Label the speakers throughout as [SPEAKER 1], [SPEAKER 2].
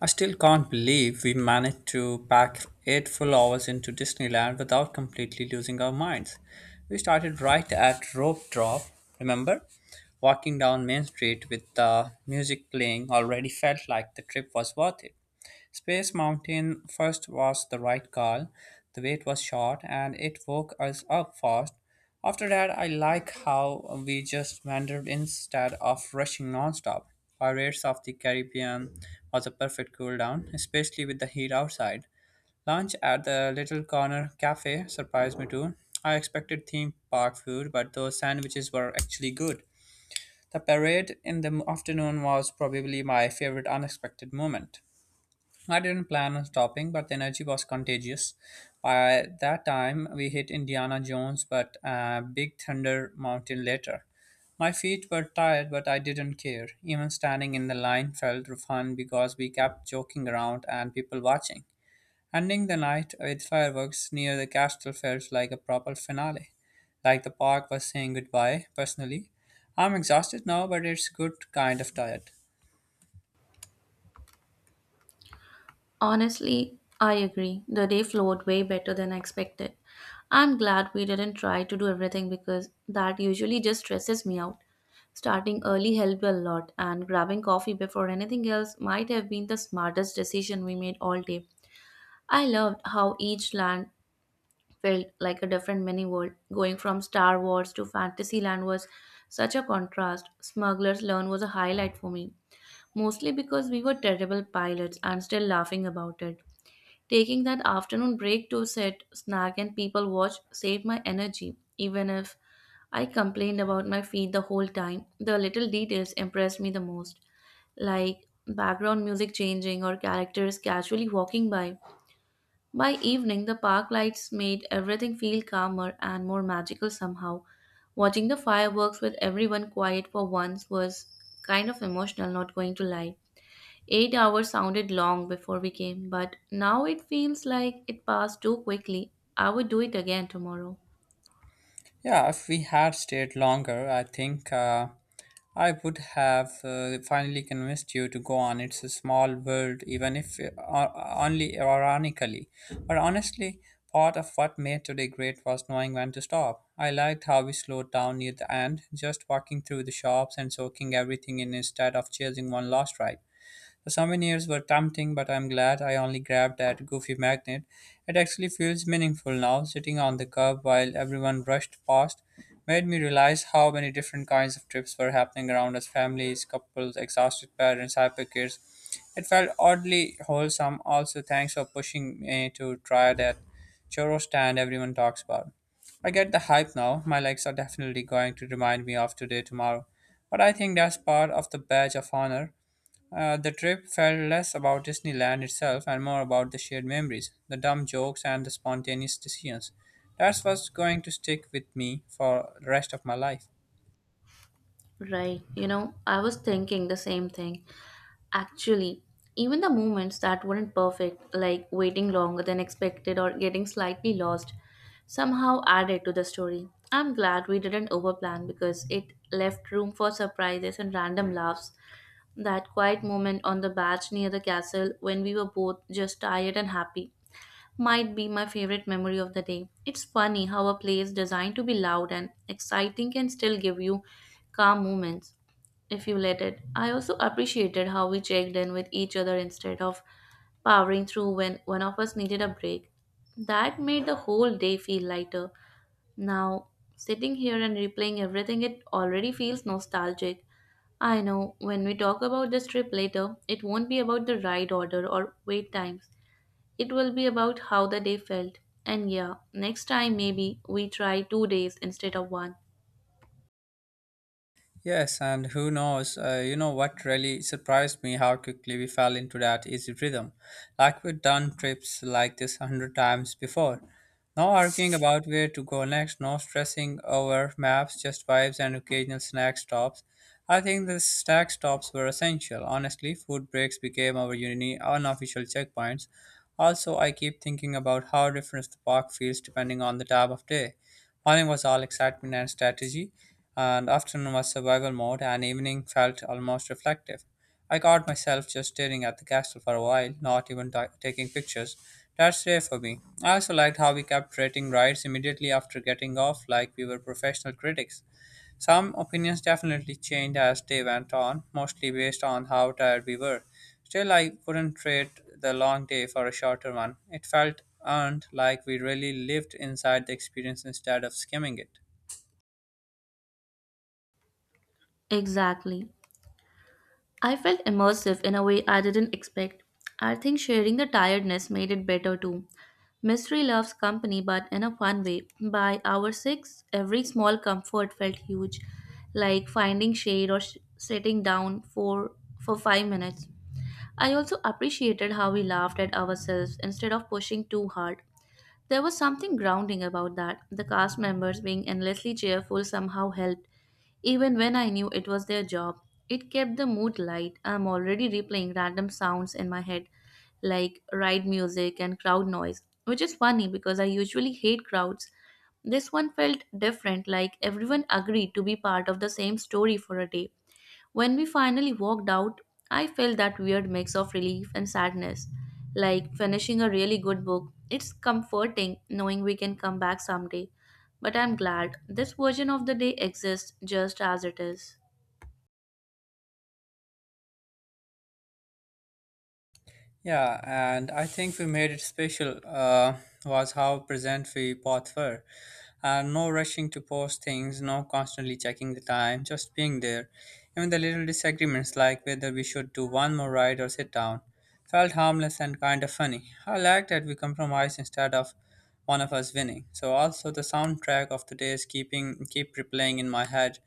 [SPEAKER 1] I still can't believe we managed to pack 8 full hours into Disneyland without completely losing our minds. We started right at Rope Drop, remember? Walking down Main Street with the music playing already felt like the trip was worth it. Space Mountain first was the right call. The wait was short and it woke us up fast. After that, I like how we just wandered instead of rushing nonstop. Pirates of the Caribbean was a perfect cool down, especially with the heat outside. Lunch at the Little Corner Cafe surprised me too. I expected theme park food, but those sandwiches were actually good. The parade in the afternoon was probably my favorite unexpected moment. I didn't plan on stopping, but the energy was contagious. By that time, we hit Indiana Jones, but Big Thunder Mountain later. My feet were tired, but I didn't care. Even standing in the line felt fun because we kept joking around and people watching. Ending the night with fireworks near the castle felt like a proper finale, like the park was saying goodbye, personally. I'm exhausted now, but it's good kind of tired.
[SPEAKER 2] Honestly, I agree. The day flowed way better than I expected. I'm glad we didn't try to do everything because that usually just stresses me out. Starting early helped a lot, and grabbing coffee before anything else might have been the smartest decision we made all day. I loved how each land felt like a different mini world. Going from Star Wars to Fantasyland was such a contrast. Smuggler's Learn was a highlight for me, mostly because we were terrible pilots and still laughing about it. Taking that afternoon break to sit, snack, and people watch saved my energy. Even if I complained about my feet the whole time, the little details impressed me the most, like background music changing or characters casually walking by. By evening, the park lights made everything feel calmer and more magical somehow. Watching the fireworks with everyone quiet for once was kind of emotional, not going to lie. 8 hours sounded long before we came, but now it feels like it passed too quickly. I would do it again tomorrow.
[SPEAKER 1] Yeah, if we had stayed longer, I think I would have finally convinced you to go on. It's a small world, even if only ironically. But honestly, part of what made today great was knowing when to stop. I liked how we slowed down near the end, just walking through the shops and soaking everything in instead of chasing one last ride. The souvenirs were tempting, but I'm glad I only grabbed that goofy magnet. It actually feels meaningful now. Sitting on the curb while everyone rushed past made me realize how many different kinds of trips were happening around us families, couples, exhausted parents, hyper kids. It felt oddly wholesome. Also, thanks for pushing me to try that churro stand everyone talks about. I get the hype now. My legs are definitely going to remind me of today tomorrow. But I think that's part of the badge of honor. The trip felt less about Disneyland itself and more about the shared memories, the dumb jokes, and the spontaneous decisions. That's what's going to stick with me for the rest of my life.
[SPEAKER 2] Right. You know, I was thinking the same thing. Actually, even the moments that weren't perfect, like waiting longer than expected or getting slightly lost, somehow added to the story. I'm glad we didn't overplan because it left room for surprises and random laughs. That quiet moment on the batch near the castle when we were both just tired and happy might be my favorite memory of the day. It's funny how a place designed to be loud and exciting can still give you calm moments if you let it. I also appreciated how we checked in with each other instead of powering through when one of us needed a break. That made the whole day feel lighter. Now, sitting here and replaying everything, it already feels nostalgic. I know when we talk about this trip later, it won't be about the ride order or wait times. It will be about how the day felt. And yeah, next time maybe we try 2 days instead of one.
[SPEAKER 1] Yes, and who knows, you know what really surprised me how quickly we fell into that easy rhythm. Like we'd done trips like this a hundred times before. No arguing about where to go next, no stressing over maps, just vibes and occasional snack stops. I think the snack stops were essential. Honestly, food breaks became our uni unofficial checkpoints. Also, I keep thinking about how different the park feels depending on the time of day. Morning was all excitement and strategy, and afternoon was survival mode, and evening felt almost reflective. I caught myself just staring at the castle for a while, not even taking pictures. That's rare for me. I also liked how we kept rating rides immediately after getting off, like we were professional critics. Some opinions definitely changed as they went on, mostly based on how tired we were. Still, I wouldn't trade the long day for a shorter one. It felt earned, like we really lived inside the experience instead of skimming it.
[SPEAKER 2] Exactly. I felt immersive in a way I didn't expect. I think sharing the tiredness made it better too. Mystery loves company, but in a fun way. By hour six, every small comfort felt huge, like finding shade or sitting down for 5 minutes. I also appreciated how we laughed at ourselves instead of pushing too hard. There was something grounding about that. The cast members being endlessly cheerful somehow helped, even when I knew it was their job. It kept the mood light. I'm already replaying random sounds in my head, like ride music and crowd noise, which is funny because I usually hate crowds. This one felt different, like everyone agreed to be part of the same story for a day. When we finally walked out, I felt that weird mix of relief and sadness. Like finishing a really good book, it's comforting knowing we can come back someday. But I'm glad this version of the day exists just as it is.
[SPEAKER 1] Yeah, and I think we made it special was how present we both were. And no rushing to post things, no constantly checking the time, just being there. Even the little disagreements like whether we should do one more ride or sit down felt harmless and kind of funny. I liked that we compromised instead of one of us winning. So also the soundtrack of the day is keep replaying in my head.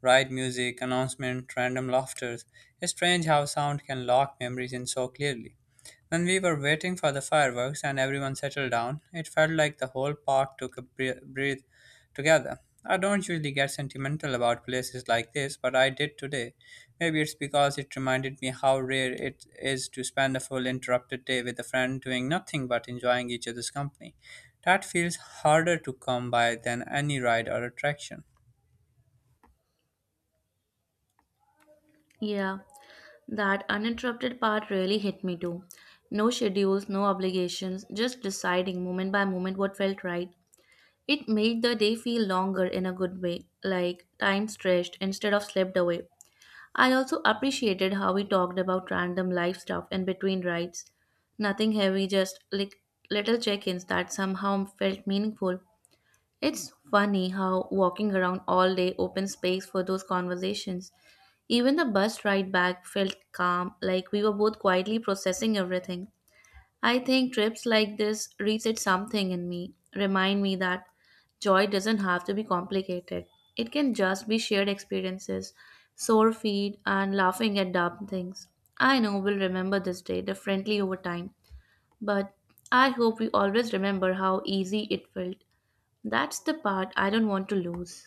[SPEAKER 1] Ride music, announcement, random laughters. It's strange how sound can lock memories in so clearly. When we were waiting for the fireworks and everyone settled down, it felt like the whole park took a breath together. I don't usually get sentimental about places like this, but I did today. Maybe it's because it reminded me how rare it is to spend a full interrupted day with a friend doing nothing but enjoying each other's company. That feels harder to come by than any ride or attraction.
[SPEAKER 2] Yeah, that uninterrupted part really hit me too. No schedules, no obligations, just deciding moment by moment what felt right. It made the day feel longer in a good way, like time stretched instead of slipped away. I also appreciated how we talked about random life stuff in between rides. Nothing heavy, just like little check ins that somehow felt meaningful. It's funny how walking around all day opens space for those conversations. Even the bus ride back felt calm, like we were both quietly processing everything. I think trips like this reset something in me, remind me that joy doesn't have to be complicated. It can just be shared experiences, sore feet, and laughing at dumb things. I know we'll remember this day differently over time, but I hope we always remember how easy it felt. That's the part I don't want to lose.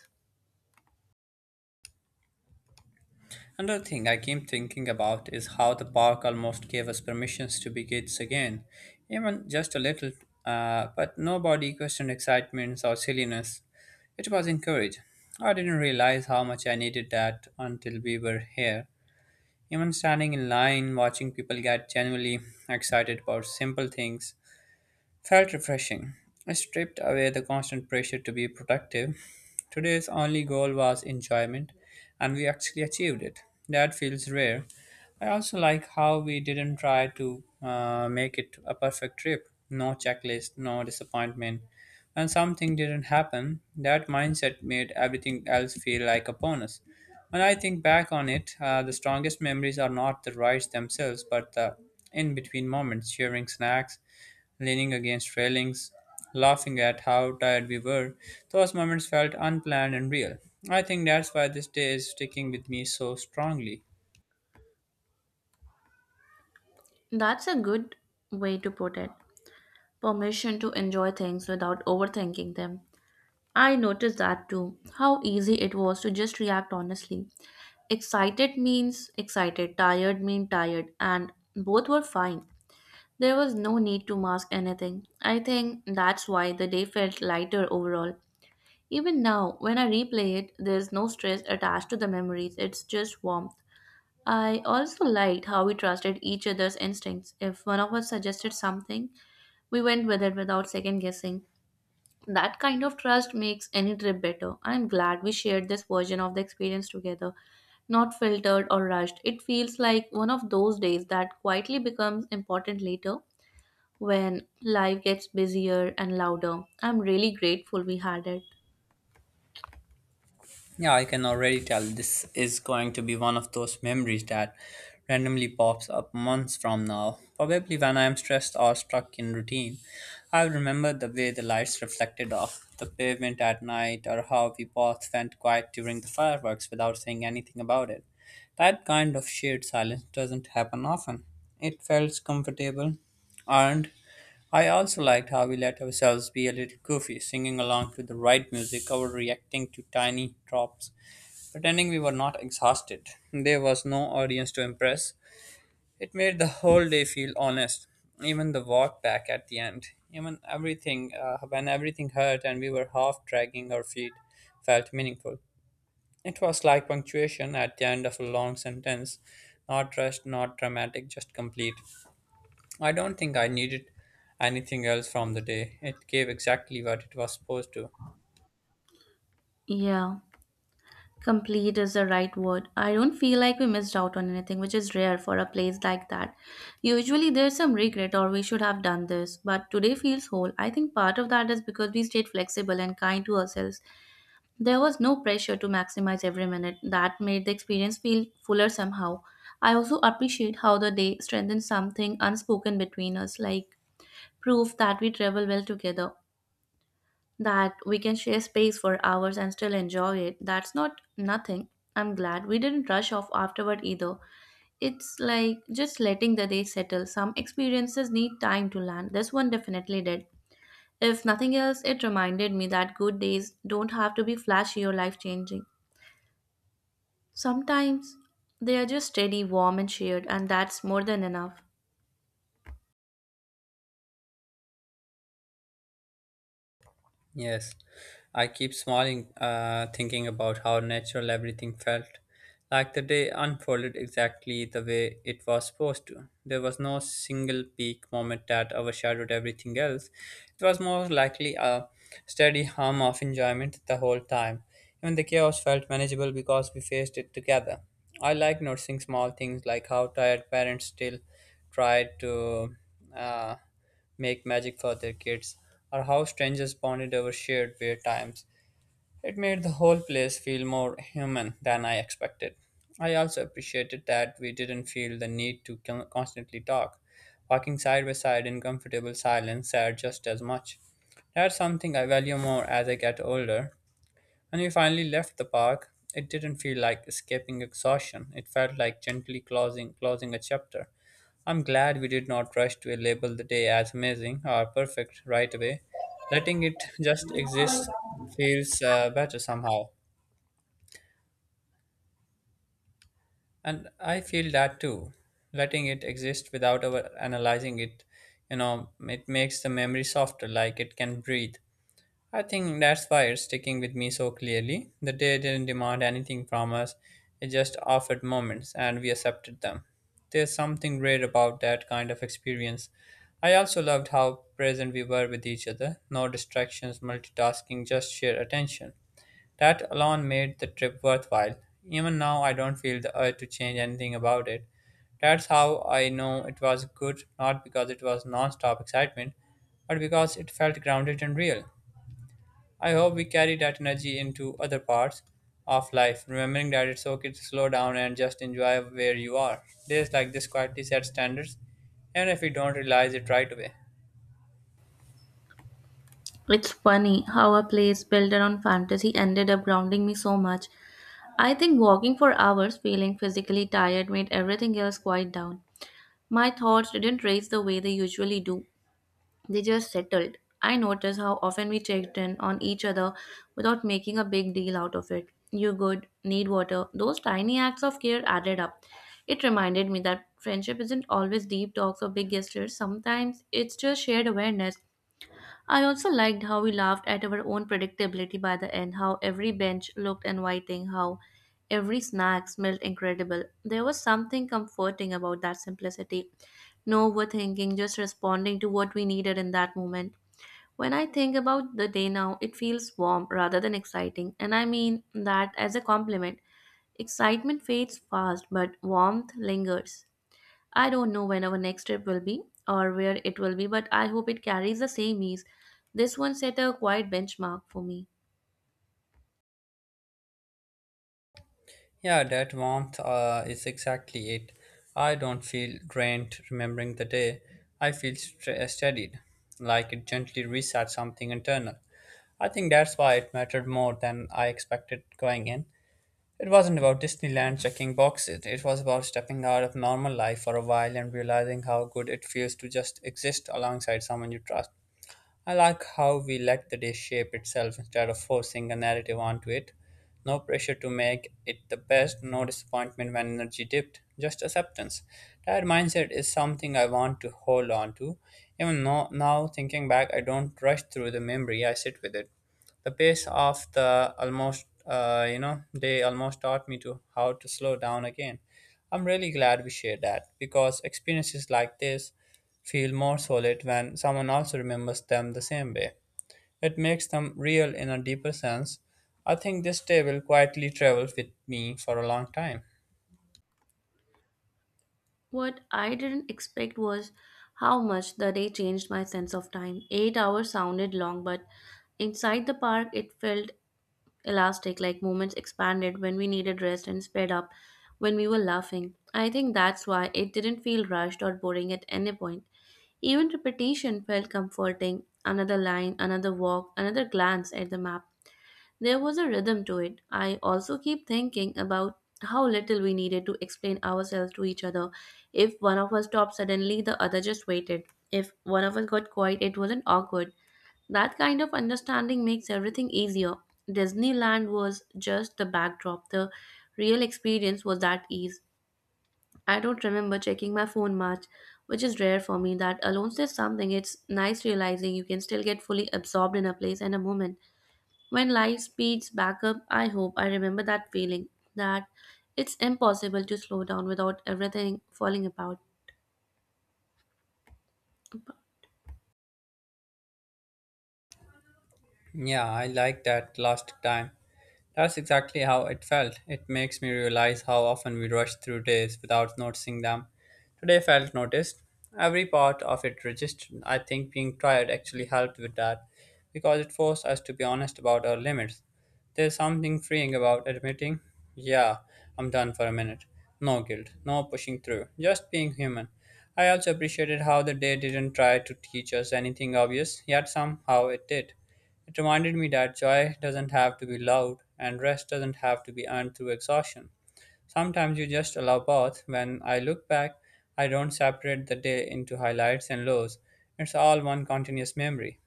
[SPEAKER 1] Another thing I keep thinking about is how the park almost gave us permissions to be kids again, even just a little, but nobody questioned excitements or silliness. It was encouraged. I didn't realize how much I needed that until we were here. Even standing in line, watching people get genuinely excited about simple things, felt refreshing. I stripped away the constant pressure to be productive. Today's only goal was enjoyment, and we actually achieved it. That feels rare. I also like how we didn't try to make it a perfect trip. No checklist, no disappointment. When something didn't happen, that mindset made everything else feel like a bonus. When I think back on it, the strongest memories are not the rides themselves, but the in between moments, sharing snacks, leaning against railings, laughing at how tired we were. Those moments felt unplanned and real. I think that's why this day is sticking with me so strongly.
[SPEAKER 2] That's a good way to put it. Permission to enjoy things without overthinking them. I noticed that too. How easy it was to just react honestly. Excited means excited, tired mean tired, and both were fine. There was no need to mask anything. I think that's why the day felt lighter overall. Even now, when I replay it, there's no stress attached to the memories, it's just warmth. I also liked how we trusted each other's instincts. If one of us suggested something, we went with it without second guessing. That kind of trust makes any trip better. I am glad we shared this version of the experience together, not filtered or rushed. It feels like one of those days that quietly becomes important later when life gets busier and louder. I'm really grateful we had it.
[SPEAKER 1] Yeah, I can already tell this is going to be one of those memories that randomly pops up months from now. Probably when I am stressed or stuck in routine. I'll remember the way the lights reflected off the pavement at night or how we both went quiet during the fireworks without saying anything about it. That kind of shared silence doesn't happen often. It felt comfortable, and I also liked how we let ourselves be a little goofy, singing along to the right music, overreacting to tiny drops. Pretending we were not exhausted, there was no audience to impress. It made the whole day feel honest, even the walk back at the end, even everything, when everything hurt and we were half dragging our feet, felt meaningful. It was like punctuation at the end of a long sentence, not rushed, not dramatic, just complete. I don't think I needed anything else from the day. It gave exactly what it was supposed to.
[SPEAKER 2] Yeah, complete is the right word. I don't feel like we missed out on anything, which is rare for a place like that. Usually there's some regret or we should have done this, but today feels whole. I think part of that is because we stayed flexible and kind to ourselves. There was no pressure to maximize every minute. That made the experience feel fuller somehow. I also appreciate how the day strengthened something unspoken between us, like proof that we travel well together, that we can share space for hours and still enjoy it. That's not nothing. I'm glad we didn't rush off afterward either. It's like just letting the day settle. Some experiences need time to land. This one definitely did. If nothing else, it reminded me that good days don't have to be flashy or life changing. Sometimes they are just steady, warm, and shared, and that's more than enough.
[SPEAKER 1] Yes, I keep smiling, thinking about how natural everything felt. Like the day unfolded exactly the way it was supposed to. There was no single peak moment that overshadowed everything else. It was more likely a steady hum of enjoyment the whole time. Even the chaos felt manageable because we faced it together. I like noticing small things like how tired parents still try to uh, make magic for their kids, or how strangers bonded over shared weird times. It made the whole place feel more human than I expected. I also appreciated that we didn't feel the need to constantly talk. Walking side by side in comfortable silence said just as much. That's something I value more as I get older. When we finally left the park, it didn't feel like escaping exhaustion. It felt like gently closing a chapter. I'm glad we did not rush to label the day as amazing or perfect right away. Letting it just exist feels better somehow. And I feel that too. Letting it exist without over analyzing it, you know, it makes the memory softer, like it can breathe. I think that's why it's sticking with me so clearly. The day didn't demand anything from us, it just offered moments and we accepted them. There's something rare about that kind of experience. I also loved how present we were with each other. No distractions, multitasking, just sheer attention. That alone made the trip worthwhile. Even now, I don't feel the urge to change anything about it. That's how I know it was good, not because it was non stop excitement, but because it felt grounded and real. I hope we carry that energy into other parts of life, remembering that it's okay to slow down and just enjoy where you are. Days like this quietly set standards, even if we don't realize it right away.
[SPEAKER 2] It's funny how a place built around fantasy ended up grounding me so much. I think walking for hours, feeling physically tired, made everything else quiet down. My thoughts didn't race the way they usually do, they just settled. I noticed how often we checked in on each other without making a big deal out of it. You good, need water. Those tiny acts of care added up. It reminded me that friendship isn't always deep talks or big gestures. Sometimes it's just shared awareness. I also liked how we laughed at our own predictability by the end, how every bench looked inviting, how every snack smelled incredible. There was something comforting about that simplicity. No overthinking, just responding to what we needed in that moment. When I think about the day now, it feels warm rather than exciting, and I mean that as a compliment. Excitement fades fast, but warmth lingers. I don't know when our next trip will be or where it will be, but I hope it carries the same ease. This one set a quiet benchmark for me.
[SPEAKER 1] Yeah, that warmth is exactly it. I don't feel drained remembering the day. I feel steadied, like it gently resets something internal. I think that's why it mattered more than I expected going in. It wasn't about Disneyland checking boxes, it was about stepping out of normal life for a while and realizing how good it feels to just exist alongside someone you trust. I like how we let the day shape itself instead of forcing a narrative onto it. No pressure to make it the best, no disappointment when energy dipped, just acceptance. That mindset is something I want to hold on to. Even now, thinking back, I don't rush through the memory, I sit with it. The pace of the almost they almost taught me to how to slow down again. I'm really glad we shared that, because experiences like this feel more solid when someone also remembers them the same way. It makes them real in a deeper sense. I think this day will quietly travel with me for a long time.
[SPEAKER 2] What I didn't expect was how much the day changed my sense of time. 8 hours sounded long, but inside the park it felt elastic, like moments expanded when we needed rest and sped up when we were laughing. I think that's why it didn't feel rushed or boring at any point. Even repetition felt comforting. Another line, another walk, another glance at the map. There was a rhythm to it. I also keep thinking about how little we needed to explain ourselves to each other. If one of us stopped suddenly, the other just waited. If one of us got quiet, it wasn't awkward. That kind of understanding makes everything easier. Disneyland was just the backdrop. The real experience was that ease. I don't remember checking my phone much, which is rare for me. That alone says something. It's nice realizing you can still get fully absorbed in a place and a moment. When life speeds back up, I hope I remember that feeling, that it's impossible to slow down without everything falling apart.
[SPEAKER 1] Yeah, I like that last time. That's exactly how it felt. It makes me realize how often we rush through days without noticing them. Today felt noticed. Every part of it registered. I think being tired actually helped with that, because it forced us to be honest about our limits. There's something freeing about admitting, yeah, I'm done for a minute. No guilt, no pushing through, just being human. I also appreciated how the day didn't try to teach us anything obvious, yet somehow it did. It reminded me that joy doesn't have to be loud and rest doesn't have to be earned through exhaustion. Sometimes you just allow both. When I look back, I don't separate the day into highlights and lows. It's all one continuous memory.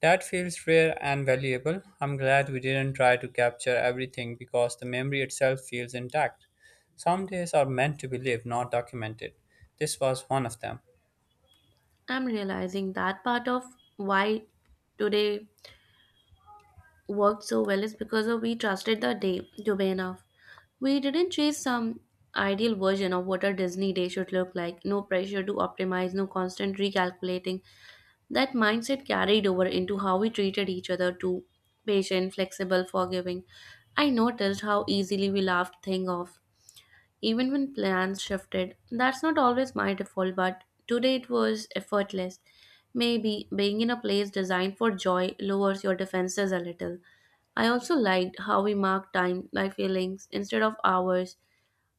[SPEAKER 1] That feels rare and valuable. I'm glad we didn't try to capture everything, because the memory itself feels intact. Some days are meant to be lived, not documented. This was one of them.
[SPEAKER 2] I'm realizing that part of why today worked so well is because of we trusted the day to be enough. We didn't chase some ideal version of what a Disney day should look like. No pressure to optimize, no constant recalculating. That mindset carried over into how we treated each other too, patient, flexible, forgiving. I noticed how easily we laughed things off, even when plans shifted. That's not always my default, but today it was effortless. Maybe being in a place designed for joy lowers your defenses a little. I also liked how we marked time by feelings instead of hours,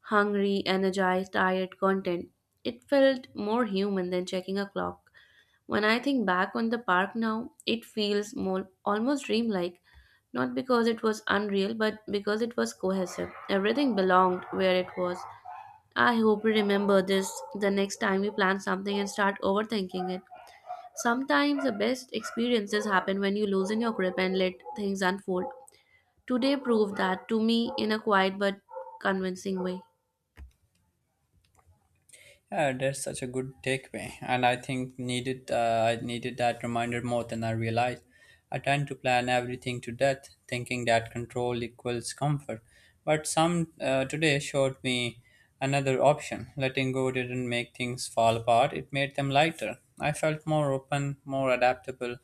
[SPEAKER 2] hungry, energized, tired, content. It felt more human than checking a clock. When I think back on the park now, it feels more, almost dreamlike, not because it was unreal, but because it was cohesive. Everything belonged where it was. I hope we remember this the next time we plan something and start overthinking it. Sometimes the best experiences happen when you loosen your grip and let things unfold. Today proved that to me in a quiet but convincing way.
[SPEAKER 1] Yeah, that's such a good takeaway, and I think needed I needed that reminder more than I realized. I tend to plan everything to death, thinking that control equals comfort. But some today showed me another option. Letting go didn't make things fall apart; it made them lighter. I felt more open, more adaptable,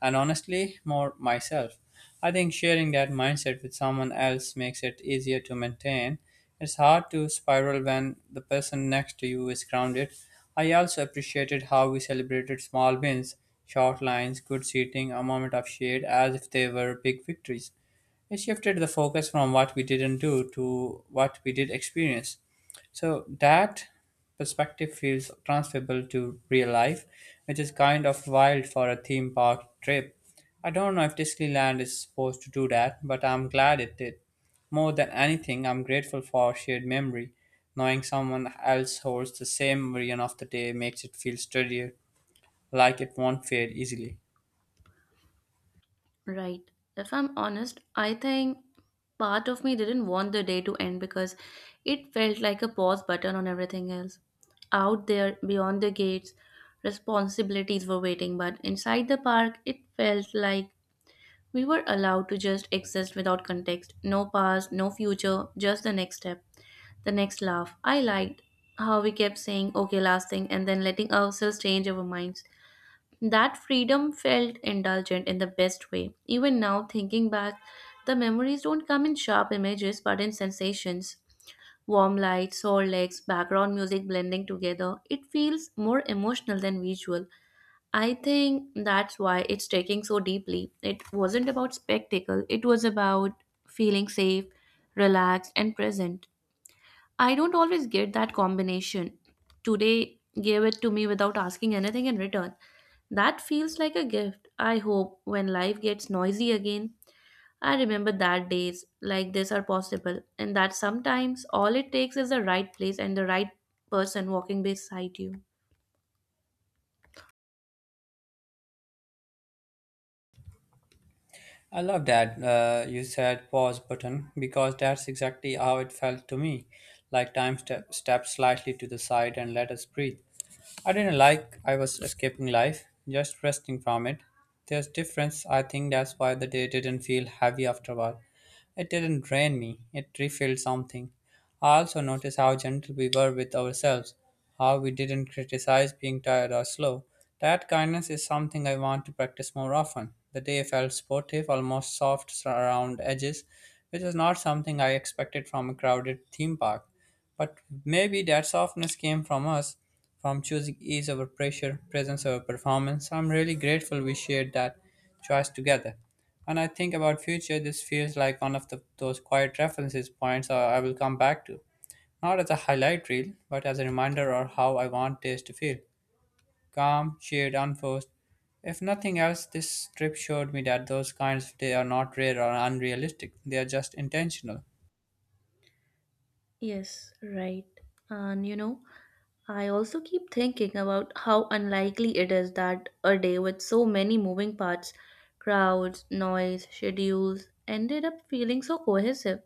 [SPEAKER 1] and honestly, more myself. I think sharing that mindset with someone else makes it easier to maintain. It's hard to spiral when the person next to you is grounded. I also appreciated how we celebrated small wins, short lines, good seating, a moment of shade, as if they were big victories. It shifted the focus from what we didn't do to what we did experience. So that perspective feels transferable to real life, which is kind of wild for a theme park trip. I don't know if Disneyland is supposed to do that, but I'm glad it did. More than anything, I'm grateful for shared memory. Knowing someone else holds the same version of the day makes it feel sturdier, like it won't fade easily.
[SPEAKER 2] Right. If I'm honest, I think part of me didn't want the day to end because it felt like a pause button on everything else. Out there, beyond the gates, responsibilities were waiting, but inside the park, it felt like we were allowed to just exist without context. No past, no future, just the next step, the next laugh. I liked how we kept saying, okay, last thing, and then letting ourselves change our minds. That freedom felt indulgent in the best way. Even now, thinking back, the memories don't come in sharp images but in sensations. Warm lights, sore legs, background music blending together. It feels more emotional than visual. I think that's why it's taking so deeply. It wasn't about spectacle, it was about feeling safe, relaxed, and present. I don't always get that combination. Today gave it to me without asking anything in return. That feels like a gift. I hope when life gets noisy again, I remember that days like this are possible and that sometimes all it takes is the right place and the right person walking beside you.
[SPEAKER 1] I love that you said pause button, because that's exactly how it felt to me. Like time stepped slightly to the side and let us breathe. I didn't like I was escaping life, just resting from it. There's difference. I think that's why the day didn't feel heavy after a while. It didn't drain me. It refilled something. I also noticed how gentle we were with ourselves, how we didn't criticize being tired or slow. That kindness is something I want to practice more often. The day felt sportive, almost soft around edges, which is not something I expected from a crowded theme park. But maybe that softness came from us, from choosing ease over pressure, presence over performance. I'm really grateful we shared that choice together. When I think about future, this feels like one of those quiet references points I will come back to. Not as a highlight reel, but as a reminder of how I want days to feel. Calm, shared, unforced. If nothing else, this trip showed me that those kinds of day are not rare or unrealistic. They are just intentional.
[SPEAKER 2] Yes, right. And you know, I also keep thinking about how unlikely it is that a day with so many moving parts, crowds, noise, schedules, ended up feeling so cohesive.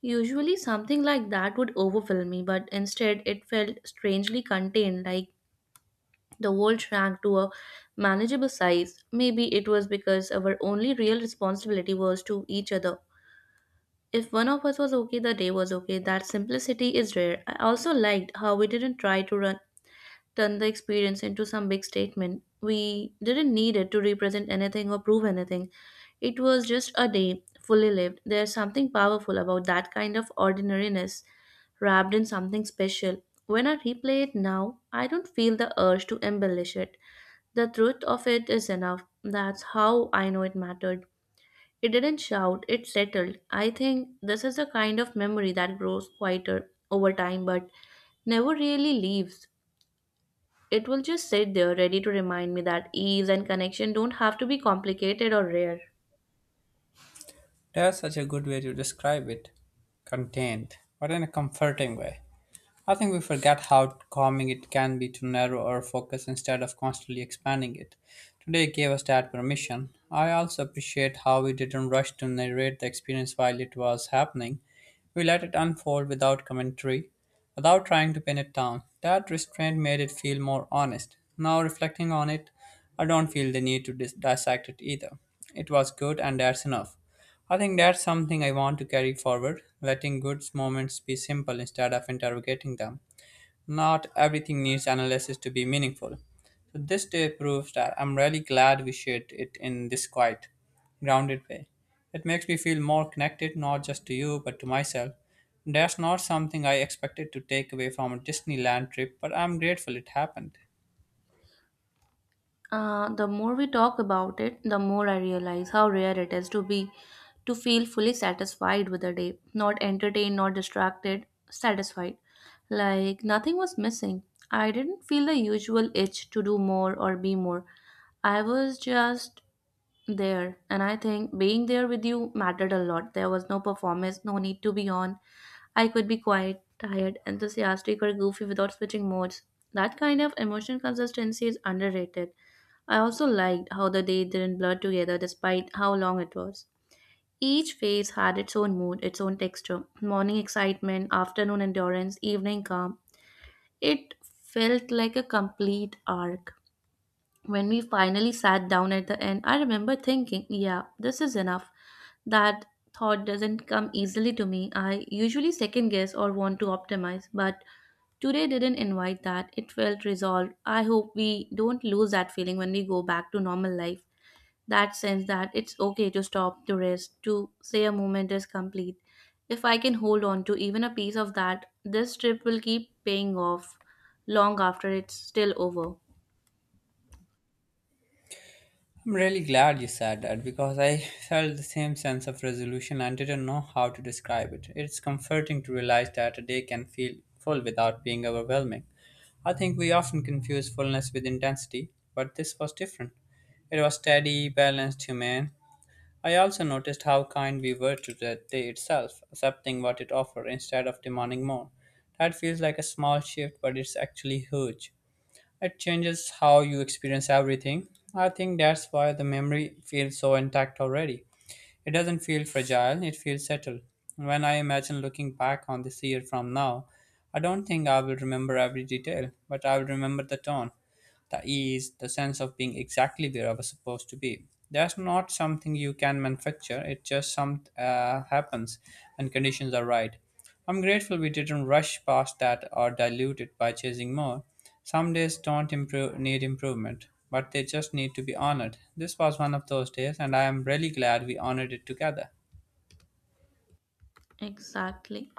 [SPEAKER 2] Usually, something like that would overwhelm me, but instead, it felt strangely contained, like the world shrank to a manageable size. Maybe it was because our only real responsibility was to each other. If one of us was okay, the day was okay. That simplicity is rare. I also liked how we didn't try to run turn the experience into some big statement. We didn't need it to represent anything or prove anything. It was just a day, fully lived. There's something powerful about that kind of ordinariness wrapped in something special. When I replay it now, I don't feel the urge to embellish it. The truth of it is enough. That's how I know it mattered. It didn't shout, it settled. I think this is the kind of memory that grows quieter over time but never really leaves. It will just sit there ready to remind me that ease and connection don't have to be complicated or rare.
[SPEAKER 1] That's such a good way to describe it. Contained, but in a comforting way. I think we forget how calming it can be to narrow our focus instead of constantly expanding it. Today gave us that permission. I also appreciate how we didn't rush to narrate the experience while it was happening. We let it unfold without commentary, without trying to pin it down. That restraint made it feel more honest. Now, reflecting on it, I don't feel the need to dissect it either. It was good, and that's enough. I think that's something I want to carry forward, letting good moments be simple instead of interrogating them. Not everything needs analysis to be meaningful. So this day proves that. I'm really glad we shared it in this quiet, grounded way. It makes me feel more connected, not just to you but to myself. That's not something I expected to take away from a Disneyland trip, but I'm grateful it happened.
[SPEAKER 2] The more we talk about it, the more I realize how rare it is to feel fully satisfied with a day, not entertained, not distracted, satisfied. Like nothing was missing. I didn't feel the usual itch to do more or be more. I was just there, and I think being there with you mattered a lot. There was no performance, no need to be on. I could be quiet, tired, enthusiastic, or goofy without switching modes. That kind of emotional consistency is underrated. I also liked how the day didn't blur together despite how long it was. Each phase had its own mood, its own texture: morning excitement, afternoon endurance, evening calm. It felt like a complete arc. When we finally sat down at the end, I remember thinking, yeah, this is enough. That thought doesn't come easily to me. I usually second guess or want to optimize, but today didn't invite that, it felt resolved. I hope we don't lose that feeling when we go back to normal life. That sense that it's okay to stop, to rest, to say a moment is complete. If I can hold on to even a piece of that, this trip will keep paying off long after it's still over.
[SPEAKER 1] I'm really glad you said that, because I felt the same sense of resolution and didn't know how to describe it. It's comforting to realize that a day can feel full without being overwhelming. I think we often confuse fullness with intensity, but this was different. It was steady, balanced, humane. I also noticed how kind we were to the day itself, accepting what it offered instead of demanding more. That feels like a small shift, but it's actually huge. It changes how you experience everything. I think that's why the memory feels so intact already. It doesn't feel fragile, it feels settled. When I imagine looking back on this year from now, I don't think I will remember every detail, but I will remember the tone, the ease, the sense of being exactly where I was supposed to be. That's not something you can manufacture. It just some happens when conditions are right. I'm grateful we didn't rush past that or dilute it by chasing more. Some days don't improve, need improvement, but they just need to be honored. This was one of those days, and I am really glad we honored it together.
[SPEAKER 2] Exactly.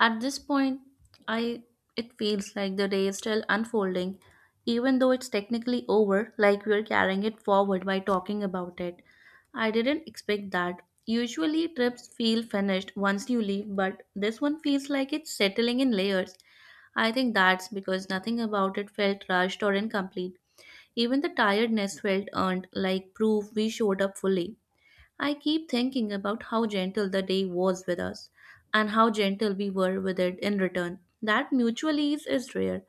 [SPEAKER 2] At this point, I it feels like the day is still unfolding, even though it's technically over, like we're carrying it forward by talking about it. I didn't expect that. Usually trips feel finished once you leave, but this one feels like it's settling in layers. I think that's because nothing about it felt rushed or incomplete. Even the tiredness felt earned, like proof we showed up fully. I keep thinking about how gentle the day was with us and how gentle we were with it in return. That mutual ease is rare.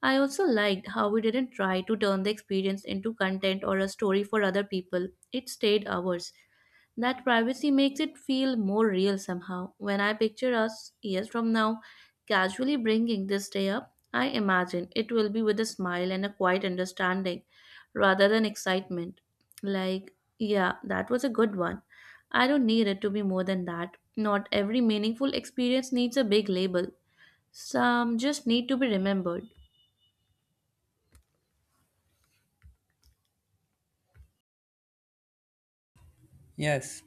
[SPEAKER 2] I also liked how we didn't try to turn the experience into content or a story for other people. It stayed ours. That privacy makes it feel more real somehow. When I picture us years from now casually bringing this day up, I imagine it will be with a smile and a quiet understanding rather than excitement. Like, yeah, that was a good one. I don't need it to be more than that. Not every meaningful experience needs a big label, some just need to be remembered.
[SPEAKER 1] Yes.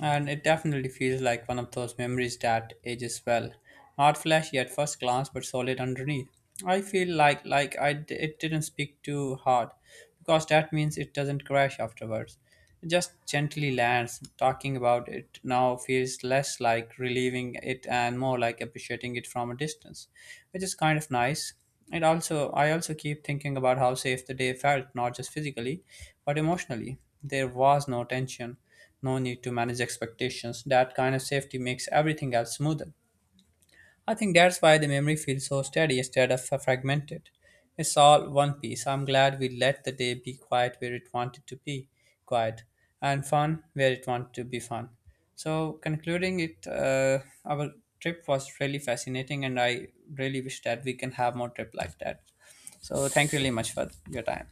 [SPEAKER 1] And it definitely feels like one of those memories that ages well. Not flashy at first glance, but solid underneath. I feel like it didn't speak too hard, because that means it doesn't crash afterwards. It just gently lands. Talking about it now feels less like relieving it and more like appreciating it from a distance, which is kind of nice. It also I also keep thinking about how safe the day felt, not just physically, but emotionally. There was no tension, no need to manage expectations. That kind of safety makes everything else smoother. I think that's why the memory feels so steady instead of fragmented. It's all one piece. I'm glad we let the day be quiet where it wanted to be quiet, and fun where it wanted to be fun. So, concluding it, our trip was really fascinating, and I really wish that we can have more trip like that. So, thank you really much for your time.